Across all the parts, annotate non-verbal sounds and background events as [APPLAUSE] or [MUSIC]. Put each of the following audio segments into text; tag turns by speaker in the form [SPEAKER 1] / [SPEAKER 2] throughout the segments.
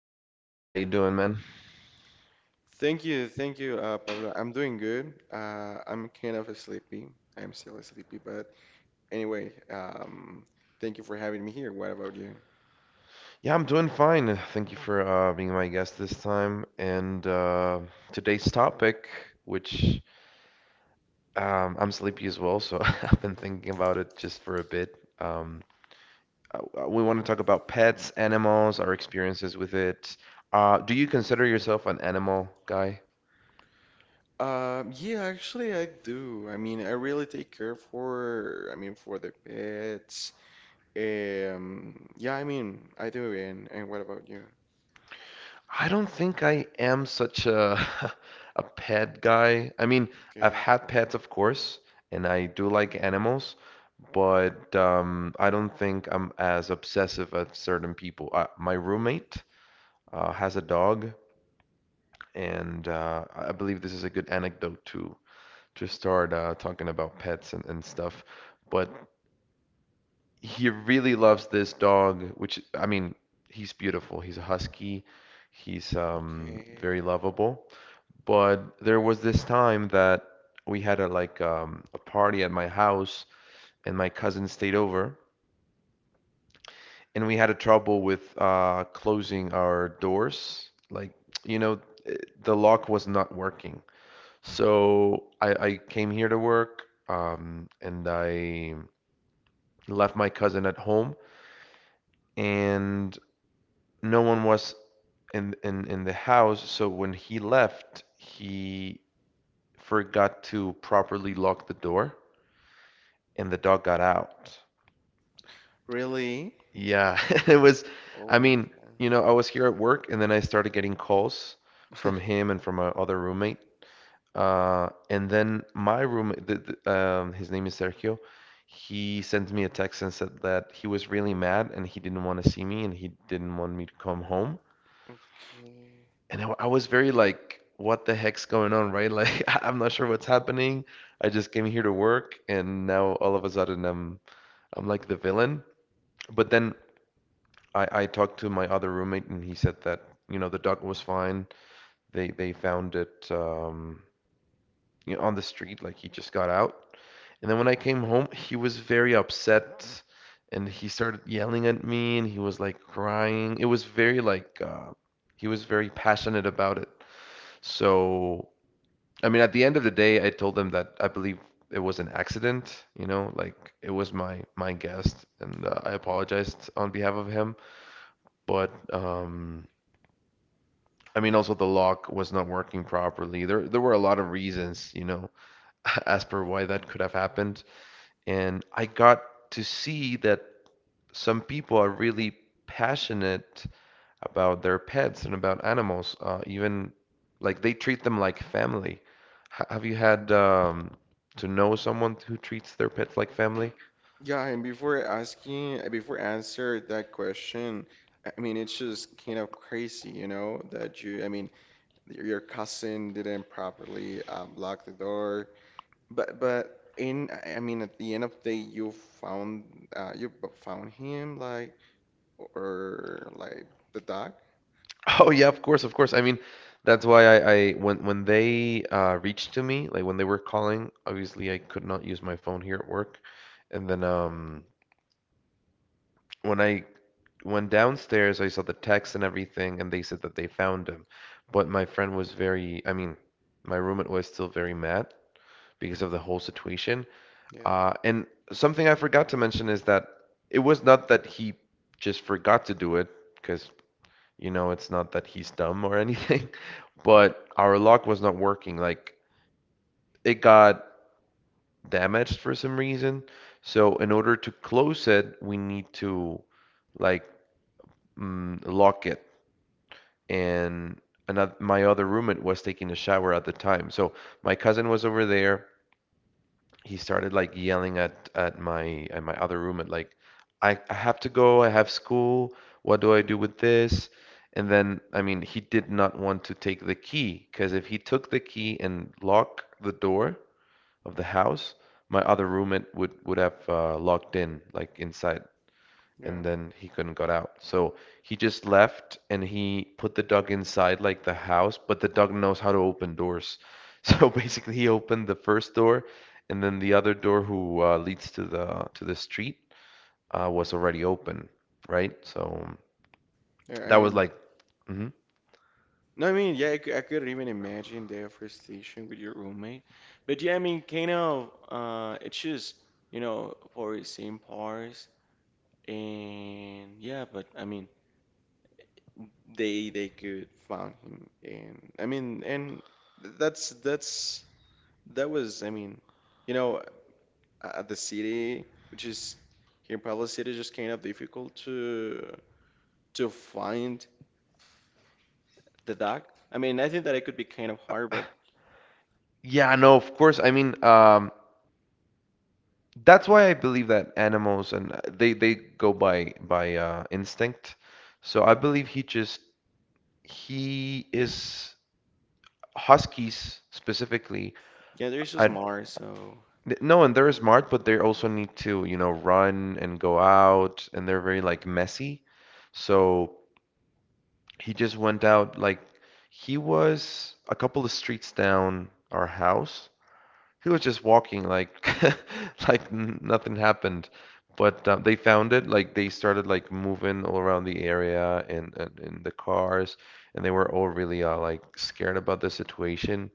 [SPEAKER 1] with Gael. How you doing, man?
[SPEAKER 2] Thank you, Pablo. I'm doing good. I'm kind of sleepy. I'm still sleepy, but anyway, thank you for having me here. What about you?
[SPEAKER 1] Yeah, I'm doing fine. Thank you for being my guest this time. And today's topic, which, I'm sleepy as well, so [LAUGHS] I've been thinking about it just for a bit. We want to talk about pets, animals, our experiences with it. Do you consider yourself an animal guy?
[SPEAKER 2] Yeah, actually, I do. I mean, I really take care for, I mean, for the pets. Yeah, I mean, I do. And what about you?
[SPEAKER 1] I don't think I am such a [LAUGHS] a pet guy. I mean, I've
[SPEAKER 2] Okay,
[SPEAKER 1] had pets, of course, and I do like animals, but I don't think I'm as obsessive as certain people. My roommate has a dog, and I believe this is a good anecdote to start talking about pets and stuff. But he really loves this dog, which, I mean, he's beautiful. He's a husky. He's very
[SPEAKER 2] okay.
[SPEAKER 1] lovable. But there was this time that we had a like a party at my house, and my cousin stayed over, and we had a trouble with closing our doors. Like, you know, the lock was not working. So I came here to work, and I left my cousin at home, and no one was in the house. So when he left, he forgot to properly lock the door. And the dog got out.
[SPEAKER 2] Really?
[SPEAKER 1] Yeah, [LAUGHS] it was,
[SPEAKER 2] Oh
[SPEAKER 1] I
[SPEAKER 2] my
[SPEAKER 1] mean,
[SPEAKER 2] God.
[SPEAKER 1] you know, I was here at work and then I started getting calls from him and from my other roommate. And then my roommate, his name is Sergio, he sent me a text and said that he was really mad and he didn't want to see me and he didn't want me to come home.
[SPEAKER 2] Okay.
[SPEAKER 1] And I was very like, what the heck's going on, right? [LAUGHS] Like, I'm not sure what's happening. I just came here to work and now all of a sudden I'm like the villain. But then I talked to my other roommate and he said that, you know, the dog was fine. They found it you know, on the street, like he just got out. And then when I came home, he was very upset and he started yelling at me and he was like crying. It was very like he was very passionate about it. So, I mean, at the end of the day, I told them that I believe it was an accident, you know, like it was my guest and I apologized on behalf of him, but I mean, also the lock was not working properly. There were a lot of reasons, you know, [LAUGHS] as per why that could have happened. And I got to see that some people are really passionate about their pets and about animals. Even like they treat them like family. H- have you had to know someone who treats their pets like family?
[SPEAKER 2] Yeah, and before asking, before answer that question, I mean, it's just kind of crazy, you know, that you, I mean, your cousin didn't properly lock the door, but in, I mean, at the end of the day, you found, you found him, like, or like the dog.
[SPEAKER 1] Oh yeah, of course, of course. I mean, that's why I when they reached to me, like when they were calling, obviously I could not use my phone here at work. And then when I went downstairs, I saw the text and everything, and they said that they found him. But my friend was very, I mean, my roommate was still very mad because of the whole situation.
[SPEAKER 2] Yeah,
[SPEAKER 1] And something I forgot to mention is that it was not that he just forgot to do it, because you know, it's not that he's dumb or anything, [LAUGHS] but our lock was not working. Like it got damaged for some reason. So in order to close it, we need to like lock it. And my other roommate was taking a shower at the time. So my cousin was over there. He started like yelling at my other roommate like I have to go, I have school, what do I do with this? And then I mean he did not want to take the key because if he took the key and locked the door of the house, my other roommate would have locked in like inside
[SPEAKER 2] yeah,
[SPEAKER 1] and then he couldn't got out. So he just left and he put the dog inside like the house, but the dog knows how to open doors. [LAUGHS] So basically he opened the first door and then the other door who leads to the street was already open, right? So
[SPEAKER 2] yeah. I
[SPEAKER 1] that was
[SPEAKER 2] mean.
[SPEAKER 1] like mhm.
[SPEAKER 2] No, I mean, yeah, I couldn't even imagine the frustration with your roommate. But yeah, I mean, kind of, it's just, you know, for the same parts. And yeah, but I mean, they could found him, and I mean, and that's that was, I mean, you know, at the city, which is here in Puebla City, just kind of difficult to find the dog. I mean, I think that it could be kind of hard, but
[SPEAKER 1] Yeah, no, of course. I mean, that's why I believe that animals and they go by instinct. So I believe he just he is Huskies specifically,
[SPEAKER 2] yeah, there's just
[SPEAKER 1] I
[SPEAKER 2] more, so.
[SPEAKER 1] no, and they're smart, but they also need to, you know, run and go out, and they're very like messy. So he just went out like he was a couple of streets down our house. He was just walking like [LAUGHS] like nothing happened. But they found it. Like they started like moving all around the area and in the cars, and they were all really like scared about the situation.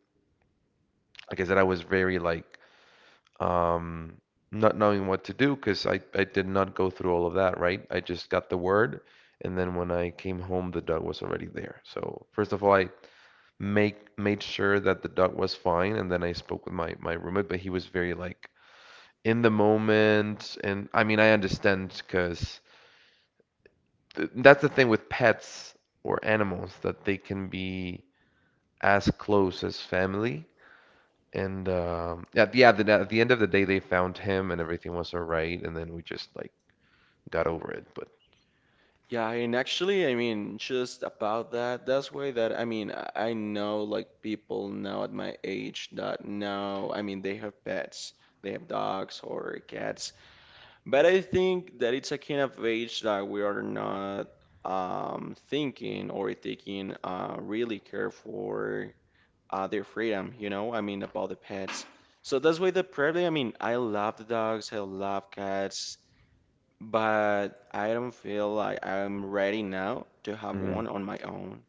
[SPEAKER 1] Like I said, I was very like um, not knowing what to do because I did not go through all of that, right? I just got the word, and then when I came home, the dog was already there. So first of all, I make made sure that the dog was fine, and then I spoke with my roommate, but he was very like in the moment, and I mean I understand because th that's the thing with pets or animals that they can be as close as family. And at the, yeah, at the end of the day, they found him and everything was all right. And then we just like got over it. But
[SPEAKER 2] Yeah, and actually, I mean, just about that, that's why that, I mean, I know like people now at my age that now, I mean, they have pets, they have dogs or cats, but I think that it's a kind of age that we are not thinking or taking really care for their freedom, you know, I mean, about the pets. So that's why the probably, I mean, I love the dogs, I love cats but I don't feel like I'm ready now to have
[SPEAKER 1] mm,
[SPEAKER 2] one on my own.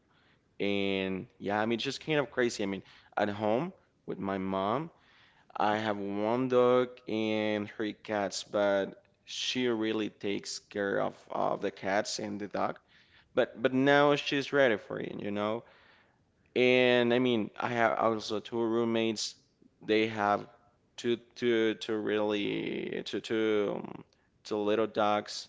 [SPEAKER 2] And yeah, I mean, it's just kind of crazy. I mean, at home with my mom, I have one dog and three cats, but she really takes care of the cats and the dog. But now she's ready for it, you know. And I mean, I have also two roommates. They have two two two really two two two little dogs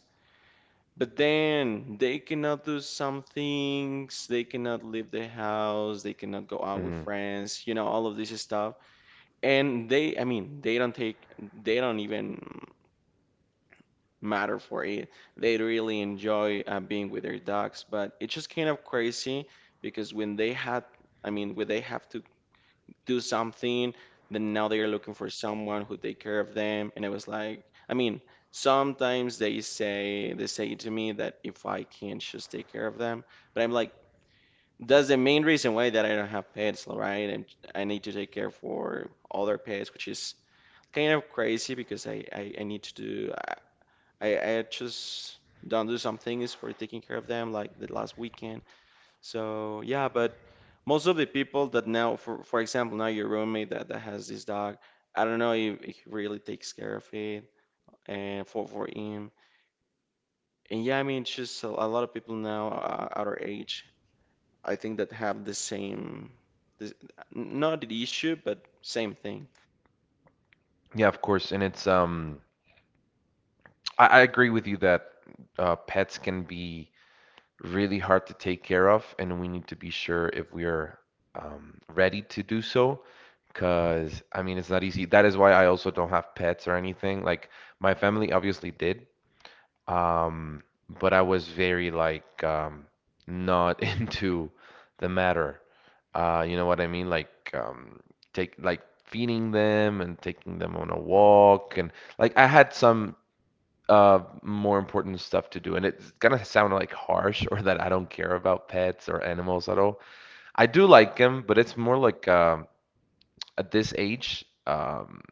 [SPEAKER 2] but then they cannot do some things, they cannot leave the house, they cannot go out with
[SPEAKER 1] mm.
[SPEAKER 2] friends, you know, all of this stuff. And they, I mean, they don't even matter for it. They really enjoy being with their dogs, but it's just kind of crazy because when they had, I mean, when they have to do something, then now they are looking for someone who take care of them. And it was like, I mean, sometimes they say to me that if I can just take care of them, but I'm like, that's the main reason why that I don't have pets, right? And I need to take care for other pets, which is kind of crazy because I need to do I just don't do some things for taking care of them, like the last weekend. So yeah, but most of the people that now, for example, now your roommate that, that has this dog, I don't know if he really takes care of it and for him. And yeah, I mean, it's just a lot of people now at our age, I think that have the same, this, not the issue, but same thing.
[SPEAKER 1] Yeah, of course. And it's I agree with you that pets can be really hard to take care of, and we need to be sure if we are ready to do so. Because I mean, it's not easy. That is why I also don't have pets or anything. Like my family obviously did. Um, but I was very like not [LAUGHS] into the matter. You know what I mean? Like take like feeding them and taking them on a walk and like I had some more important stuff to do. And it's gonna sound like harsh or that I don't care about pets or animals at all. I do like them, but it's more like at this age,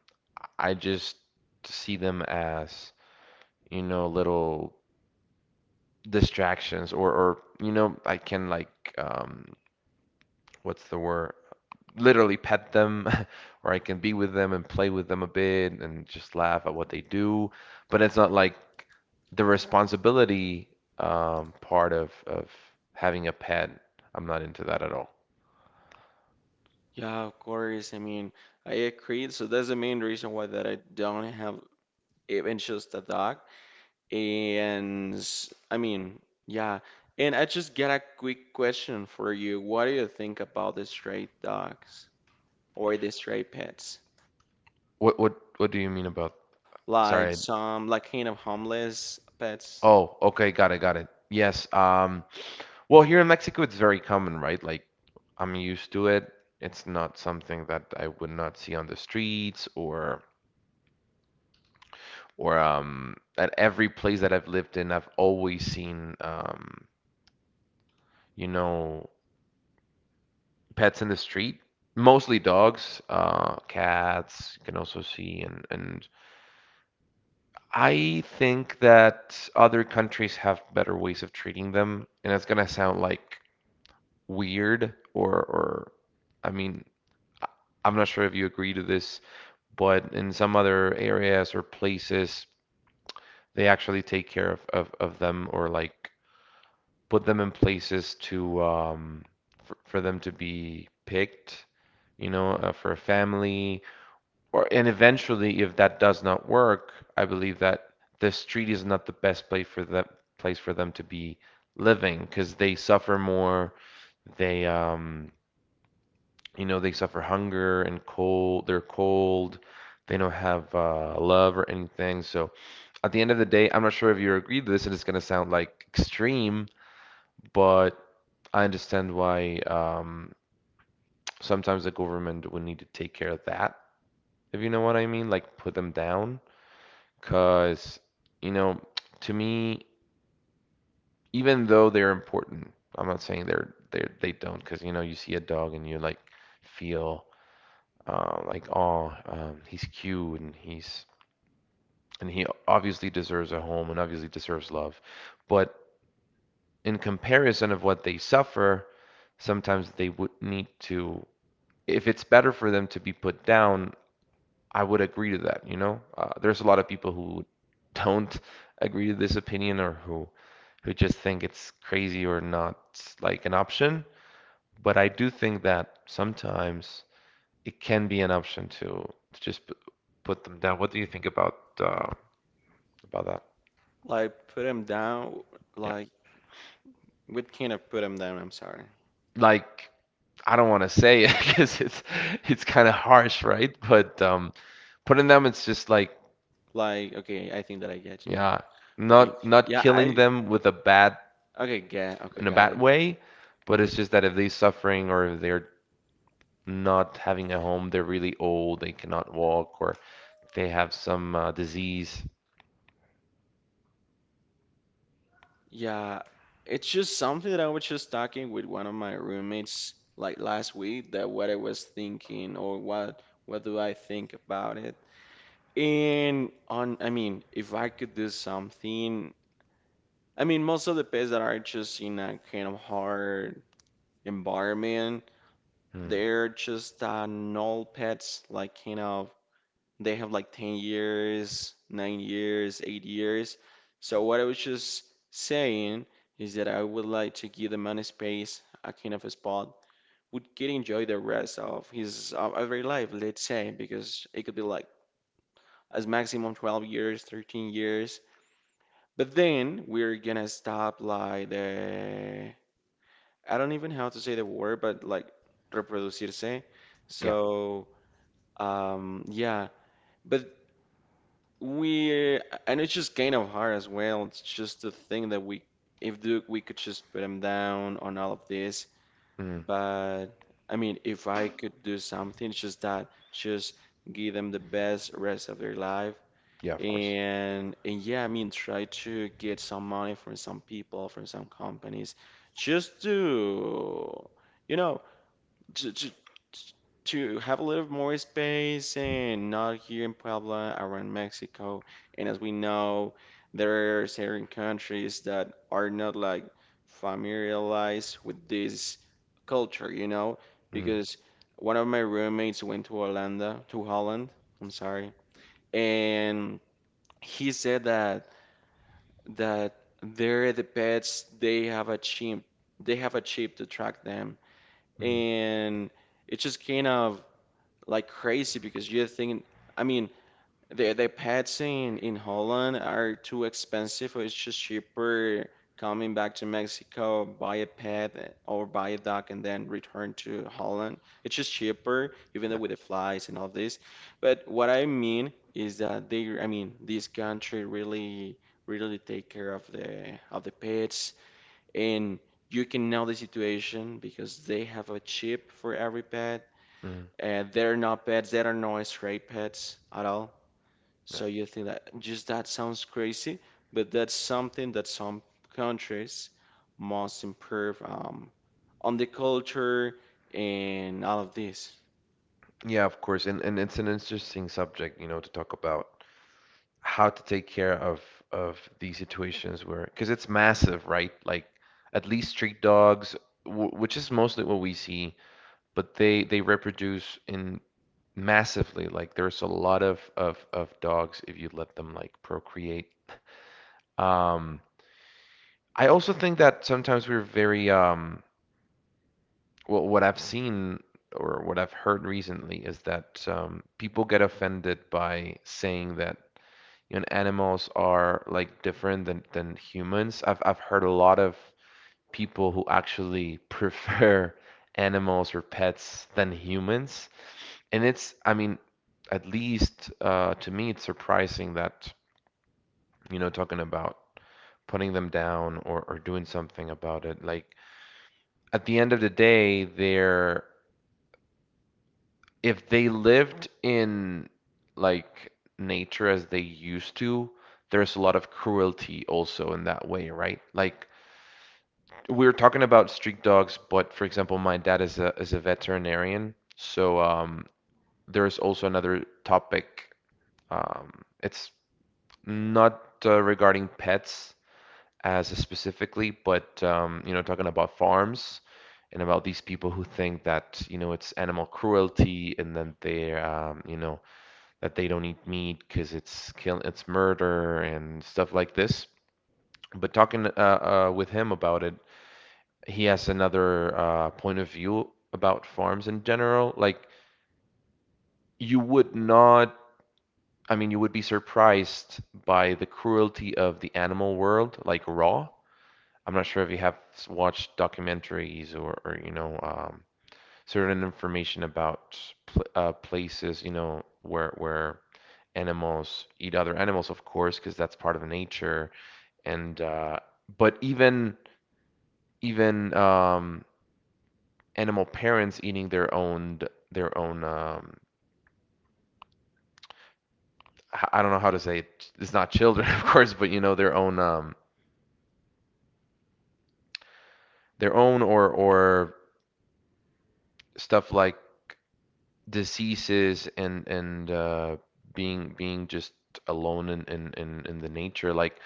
[SPEAKER 1] I just see them as you know little distractions or you know I can like um what's the word? Literally pet them [LAUGHS] or I can be with them and play with them a bit and just laugh at what they do. But it's not like the responsibility part of having a pet. I'm not into that at all.
[SPEAKER 2] Yeah, of course. I mean, I agree. So that's the main reason why that I don't have even just a dog. And I mean, yeah. And I just got a quick question for you. What do you think about the stray dogs or the stray pets?
[SPEAKER 1] What do you mean about? Sorry.
[SPEAKER 2] Like
[SPEAKER 1] I-
[SPEAKER 2] some, like kind of homeless pets?
[SPEAKER 1] Oh, okay, got it, got it. Yes, um, well, here in Mexico, it's very common, right? Like, I'm used to it. It's not something that I would not see on the streets or at every place that I've lived in, I've always seen you know, pets in the street. Mostly dogs, cats, you can also see and I think that other countries have better ways of treating them, and it's gonna sound like weird, or I mean, I'm not sure if you agree to this but in some other areas or places, they actually take care of them or like put them in places to for them to be picked, you know, for a family. Or and eventually, if that does not work, I believe that the street is not the best place for them to be living because they suffer more. They you know, they suffer hunger and cold. They're cold. They don't have love or anything. So at the end of the day, I'm not sure if you agree to this, and it's going to sound like extreme, but I understand why sometimes the government would need to take care of that, if you know what I mean, like put them down. Because, you know, to me, even though they're important, I'm not saying they don't, because, you know, you see a dog and you like feel like, oh, he's cute and he's and he obviously deserves a home and obviously deserves love. But in comparison of what they suffer, sometimes they would need to, if it's better for them to be put down, I would agree to that, you know? There's a lot of people who don't agree to this opinion or who just think it's crazy or not like an option, but I do think that sometimes it can be an option to put them down. What do you think about that?
[SPEAKER 2] Like put them down?
[SPEAKER 1] Yeah.
[SPEAKER 2] Like what kind of put them down? I'm sorry.
[SPEAKER 1] Like I don't want to say it [LAUGHS] because it's kind of harsh, right? But putting them, it's just like
[SPEAKER 2] Like okay, I think that I get you now.
[SPEAKER 1] yeah,
[SPEAKER 2] Okay,
[SPEAKER 1] not
[SPEAKER 2] yeah,
[SPEAKER 1] killing
[SPEAKER 2] I
[SPEAKER 1] them with a bad
[SPEAKER 2] okay, get okay,
[SPEAKER 1] in a
[SPEAKER 2] got
[SPEAKER 1] bad
[SPEAKER 2] it.
[SPEAKER 1] way, but
[SPEAKER 2] Mm-hmm.
[SPEAKER 1] it's just that if they're suffering or if they're not having a home, they're really old, they cannot walk, or they have some disease.
[SPEAKER 2] Yeah, it's just something that I was just talking with one of my roommates like last week that what I was thinking or what do I think about it. And on, I mean, if I could do something, I mean, most of the pets that are just in a kind of hard environment,
[SPEAKER 1] Mm,
[SPEAKER 2] they're just null pets, like kind of they have like 10 years, 9 years, 8 years. So what I was just saying is that I would like to give the man a space, a kind of a spot, would get enjoy the rest of his of every life, let's say, because it could be like as maximum 12 years, 13 years. But then we're gonna stop like the I don't even know how to say the word, but like reproducirse.
[SPEAKER 1] yeah,
[SPEAKER 2] So yeah. But We and it's just gain of heart as well. It's just the thing that we if Duke we could just put him down on all of this.
[SPEAKER 1] mm,
[SPEAKER 2] But I mean, if I could do something, it's just that just give them the best rest of their life.
[SPEAKER 1] yeah, of course.
[SPEAKER 2] And yeah, I mean, try to get some money from some people, from some companies, just to you know to, to, to have a little more space and not here in Puebla, around Mexico. And as we know, there are certain countries that are not like familiarized with this culture, you know,
[SPEAKER 1] Mm,
[SPEAKER 2] because one of my roommates went to Holanda, to Holland, I'm sorry, and he said that there the pets they have achieved to track them,
[SPEAKER 1] mm,
[SPEAKER 2] and it's just kind of like crazy because you're thinking, I mean, the pets in Holland are too expensive, or it's just cheaper coming back to Mexico, buy a pet or buy a dog and then return to Holland. It's just cheaper, even though
[SPEAKER 1] yeah,
[SPEAKER 2] with the flies and all this. But what I mean is that they, I mean, this country really, really take care of the pets and. You can know the situation because they have a chip for every pet
[SPEAKER 1] mm,
[SPEAKER 2] and they're not pets, they are not stray pets at all.
[SPEAKER 1] yeah,
[SPEAKER 2] So you think that just that sounds crazy, but that's something that some countries must improve on the culture and all of this.
[SPEAKER 1] yeah, of course. And it's an interesting subject, you know, to talk about how to take care of these situations, where because it's massive, right? Like at least street dogs, w which is mostly what we see, but they reproduce in massively. Like there's a lot of dogs if you let them like procreate. Um, I also think that sometimes we're very well, what I've seen or what I've heard recently is that people get offended by saying that, you know, animals are like different than humans. I've heard a lot of people who actually prefer [LAUGHS] animals or pets than humans, and it's, I mean, at least to me, it's surprising that, you know, talking about putting them down or doing something about it. Like at the end of the day, they're, if they lived in like nature as they used to, there's a lot of cruelty also in that way, right? Like we were talking about street dogs, but for example, my dad is a veterinarian, so there's also another topic. It's not regarding pets as specifically, but you know, talking about farms and about these people who think that, you know, it's animal cruelty and then they, you know, that they don't eat meat because it's murder and stuff like this. But talking with him about it, he has another point of view about farms in general. Like, you would not, I mean, you would be surprised by the cruelty of the animal world, like raw. I'm not sure if you have watched documentaries or you know, certain information about pl places, you know, where animals eat other animals, of course, because that's part of nature. And but even animal parents eating their own their own um I don't know how to say it. It's not children, [LAUGHS] of course, but you know their own or stuff like diseases and being just alone in the nature, like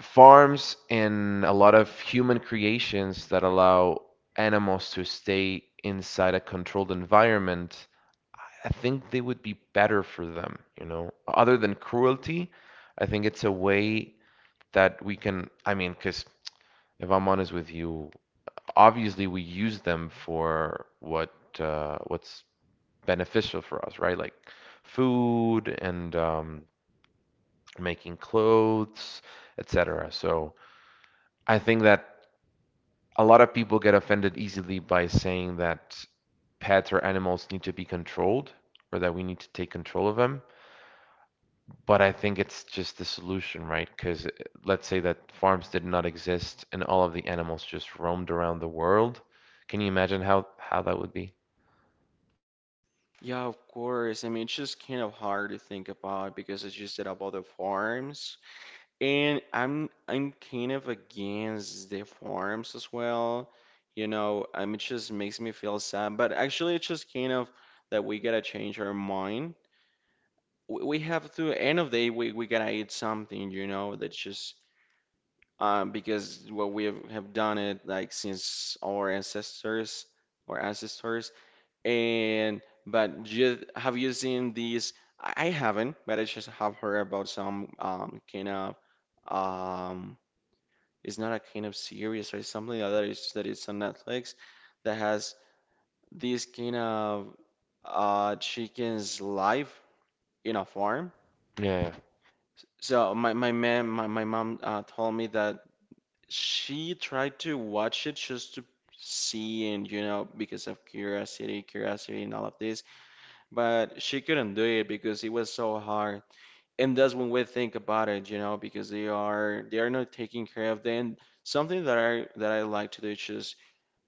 [SPEAKER 1] farms and a lot of human creations that allow animals to stay inside a controlled environment, I think they would be better for them, you know. Other than cruelty, I think it's a way that we can, I mean, because if I'm honest with you, obviously we use them for what's beneficial for us, right? Like food and making clothes, etc. So I think that a lot of people get offended easily by saying that pets or animals need to be controlled or that we need to take control of them. But I think it's just the solution, right? Because let's say that farms did not exist and all of the animals just roamed around the world. Can you imagine how that would be?
[SPEAKER 2] Yeah, of course. I mean, it's just kind of hard to think about because it's just about the farms. And I'm kind of against the forms as well. You know, it just makes me feel sad. But actually, it's just kind of that we gotta change our mind. We have to, end of the day, we gotta eat something, you know, that's just because what we have done it like since our ancestors or ancestors. And but you, have you seen these? I haven't, but I just have heard about some kind of um it's not a kind of series or something like that. It's that it's on Netflix that has this kind of chicken's life in a farm.
[SPEAKER 1] Yeah.
[SPEAKER 2] So my mom told me that she tried to watch it just to see and you know because of curiosity, curiosity and all of this, but she couldn't do it because it was so hard. And that's when we think about it, you know, because they are not taking care of them. Something that I like to do is just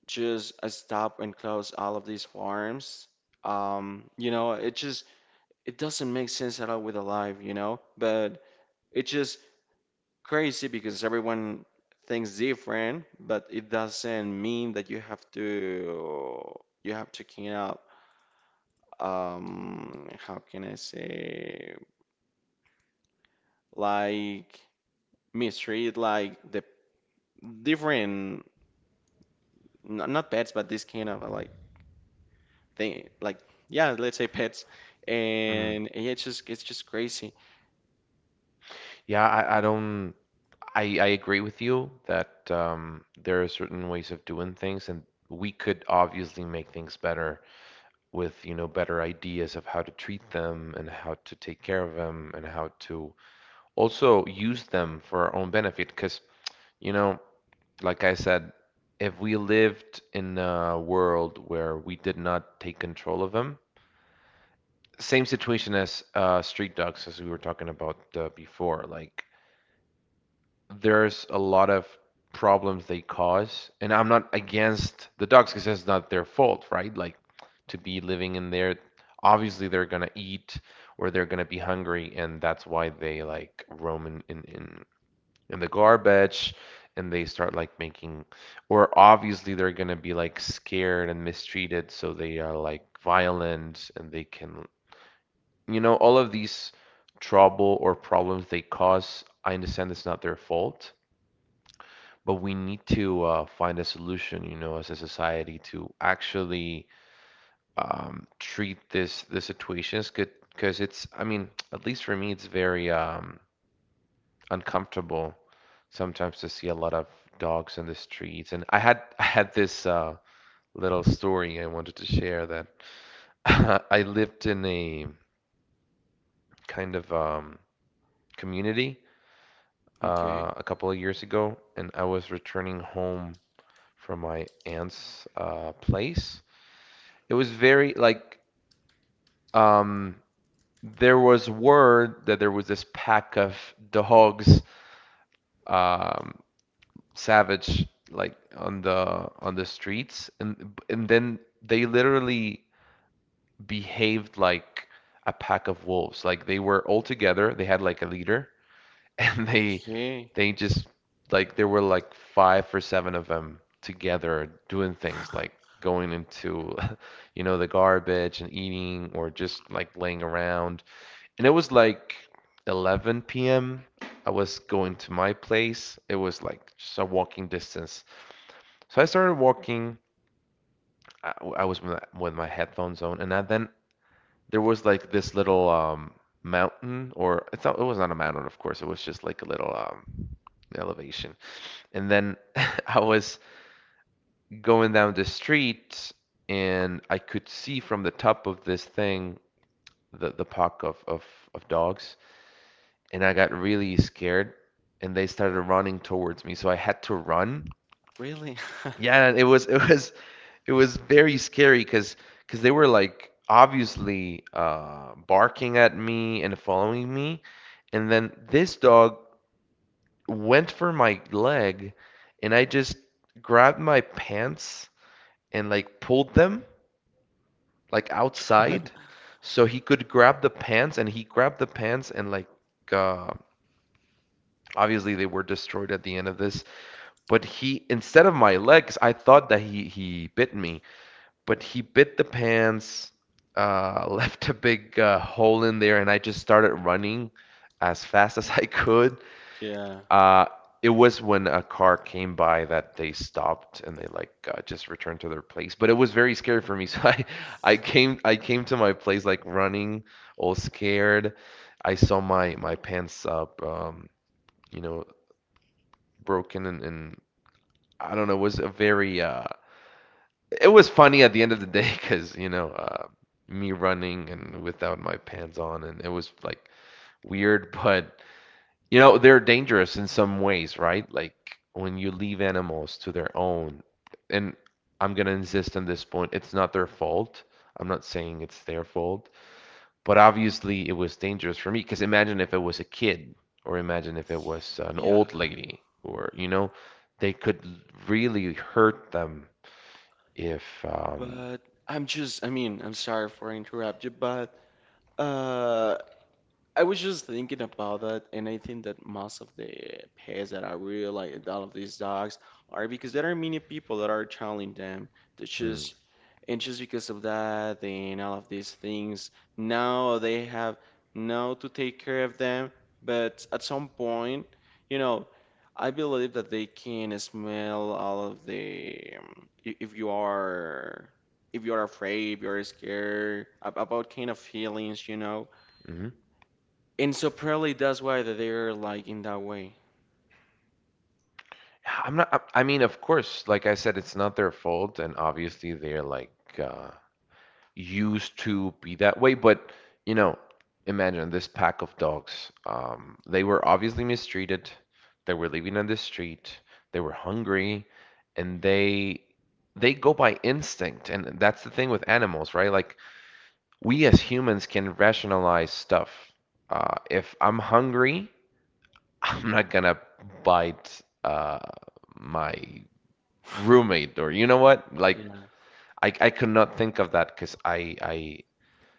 [SPEAKER 2] just uh, stop and close all of these farms. You know, it just it doesn't make sense at all with alive, you know, but it's just crazy because everyone thinks different, but it doesn't mean that you have to clean up. How can I say like mistreat like the different not pets, but this kind of like thing like yeah let's say pets
[SPEAKER 1] Mm.
[SPEAKER 2] and yeah it's just crazy.
[SPEAKER 1] Yeah, I don't, I agree with you that there are certain ways of doing things and we could obviously make things better with, you know, better ideas of how to treat them and how to take care of them and how to also use them for our own benefit because, you know, like I said, if we lived in a world where we did not take control of them, same situation as street dogs, as we were talking about before. Like, there's a lot of problems they cause, and I'm not against the dogs because that's not their fault, right? Like, to be living in there, obviously they're gonna eat or they're gonna be hungry, and that's why they like roam in the garbage and they start like making, or obviously they're gonna be like scared and mistreated so they are like violent and they can, you know, all of these trouble or problems they cause, I understand it's not their fault, but we need to find a solution, you know, as a society to actually treat this the situations good, because it's, I mean, at least for me it's very uncomfortable sometimes to see a lot of dogs in the streets. And I had this little story I wanted to share, that [LAUGHS] I lived in a kind of community
[SPEAKER 2] Okay.
[SPEAKER 1] a couple of years ago, and I was returning home from my aunt's place. It was very like um, there was word that there was this pack of dogs, um, savage like on the streets, and then they literally behaved like a pack of wolves. Like they were all together, they had like a leader, [LAUGHS] and they
[SPEAKER 2] Okay.
[SPEAKER 1] they just, like, there were like five or seven of them together doing things like going into [LAUGHS] you know the garbage and eating or just like laying around. And it was like 11 p.m. I was going to my place. It was like just a walking distance, so I started walking. I was with with my headphones on, and then there was like this little mountain, or it's not, it was not a mountain, of course. It was just like a little elevation. And then [LAUGHS] I was going down the street, and I could see from the top of this thing the pack of dogs, and I got really scared, and they started running towards me. So I had to run.
[SPEAKER 2] Really?
[SPEAKER 1] Yeah, it was very scary because they were like obviously barking at me and following me, and then this dog went for my leg, and I just grabbed my pants and like pulled them like outside, so he could grab the pants, and he grabbed the pants and like, uh, obviously they were destroyed at the end of this. But he, instead of my legs, I thought that he bit me, but he bit the pants, [LAUGHS] left a big hole in there, and I just started running as fast [LAUGHS] as I could.
[SPEAKER 2] [LAUGHS] Yeah,
[SPEAKER 1] Uh, it was when a car came by that they stopped and they like just returned to their place. But it was very scary for me, [LAUGHS] so I came to my place like running, all scared. I saw my pants up, you know, broken, and I don't know. It was a very it was funny at the end of the day because, you know, me running and without my pants on and it was like weird, [LAUGHS] but you know they're dangerous in some ways, right? Like when you leave animals to their own, and I'm going to insist on this point, it's not their fault, I'm not saying it's their fault, but obviously it was dangerous for me, because imagine if it was a kid, or imagine if it was an
[SPEAKER 2] yeah,
[SPEAKER 1] old lady, or, you know, they could really hurt them if
[SPEAKER 2] but I'm just, I mean, I'm sorry for interrupt you, but uh I was just thinking about that, and I think that most of the pets that are really like all of these dogs are because there are many people that are challenging them. They
[SPEAKER 1] mm,
[SPEAKER 2] just and just because of that and all of these things, now they have now to take care of them. But at some point, you know, I believe that they can smell all of the if you are afraid, if you are scared about kind of feelings, you know.
[SPEAKER 1] hmm.
[SPEAKER 2] And so probably that's why that they're like in that way.
[SPEAKER 1] Yeah, I'm not. I mean, of course, like I said, it's not their fault, and obviously they're like uh, used to be that way. But, you know, imagine this pack of dogs. They were obviously mistreated. They were living on the street. They were hungry, and they go by instinct. And that's the thing with animals, right? Like we as humans can rationalize stuff. If I'm hungry, [LAUGHS] I'm not gonna bite my roommate or you know what? Like
[SPEAKER 2] Yeah.
[SPEAKER 1] I could not think of that because I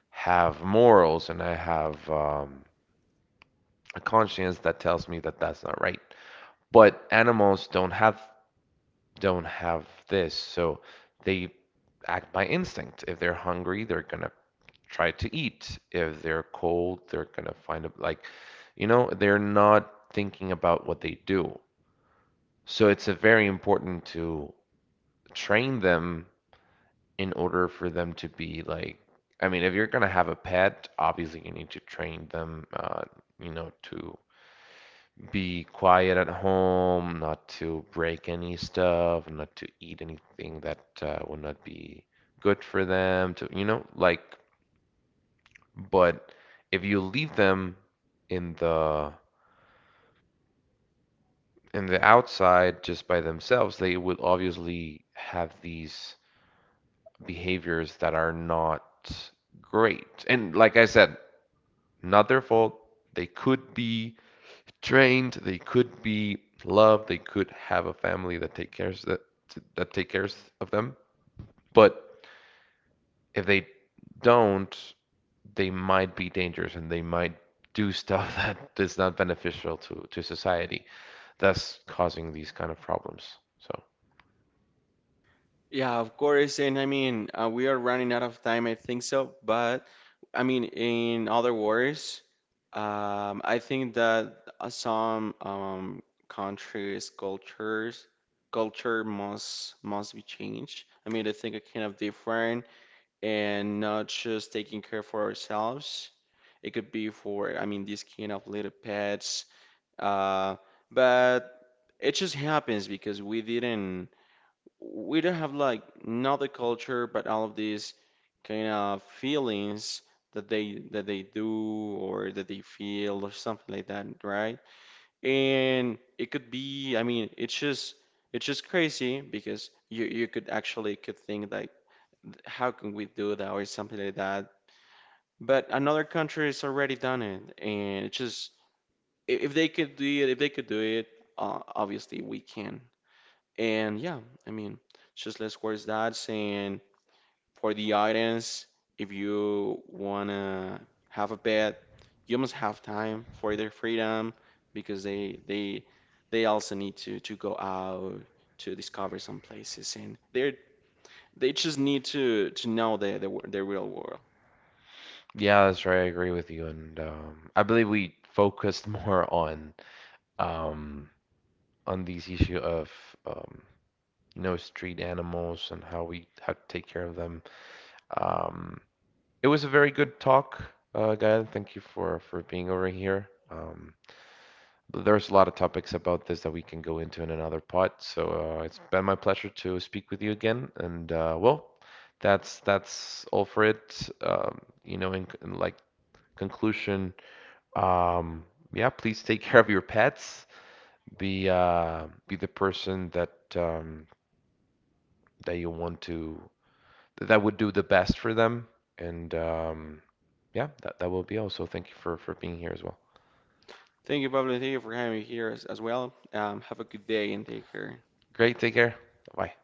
[SPEAKER 1] have morals and I have a conscience that tells me that that's not right. But animals don't have this, so they act by instinct. If they're hungry, they're gonna try to eat. If they're cold, they're gonna find a, like, you know, they're not thinking about what they do. So it's a very important to train them in order for them to be like, I mean, if you're gonna have a pet, obviously you need to train them, you know, to be quiet at home, not to break any stuff, not to eat anything that would not be good for them, to you know, like. But if you leave them in the outside just by themselves, they will obviously have these behaviors that are not great. And like I said, not their fault. They could be trained, they could be loved, they could have a family that take cares that take cares of them. But if they don't, they might be dangerous and they might do [LAUGHS] stuff that is not beneficial to society, that's causing these kind of problems. So
[SPEAKER 2] Yeah, of course. And I mean, we are running out of time, I think so. But I mean, in other words, I think that some countries, cultures, culture must be changed. I mean, I think it kind of different and not just taking care for ourselves. It could be for, I mean, these kind of little pets. Uh, but it just happens because we don't have like not the culture but all of these kind of feelings that they do or that they feel or something like that, right? And it could be, I mean, it's just crazy because you could actually could think like how can we do that or something like that. But another country has already done it and it's just if they could do it, if they could do it, obviously we can. And yeah, I mean, just let's words that. And for the audience, if you wanna have a pet, you must have time for their freedom because they they also need to go out to discover some places, and they're they just need to know the real world.
[SPEAKER 1] yeah, that's right. I agree with you, and I believe we focused [LAUGHS] more um, on these issue of, um, you know, street animals and how we how to take care of them. Um, it was a very good talk, Gael. Thank you for being over here. There's a lot of topics about this that we can go into in another pod. So it's been my pleasure to speak with you again. And well, that's all for it. You know, in like conclusion, um, yeah, please take care of your pets. Be the person that that you want to, that would do the best for them. And yeah, that will be all. So thank you for being here as well.
[SPEAKER 2] Thank you, Pablo. Thank you for having me here as well. Have a good day and take care.
[SPEAKER 1] Great. Take care. Bye.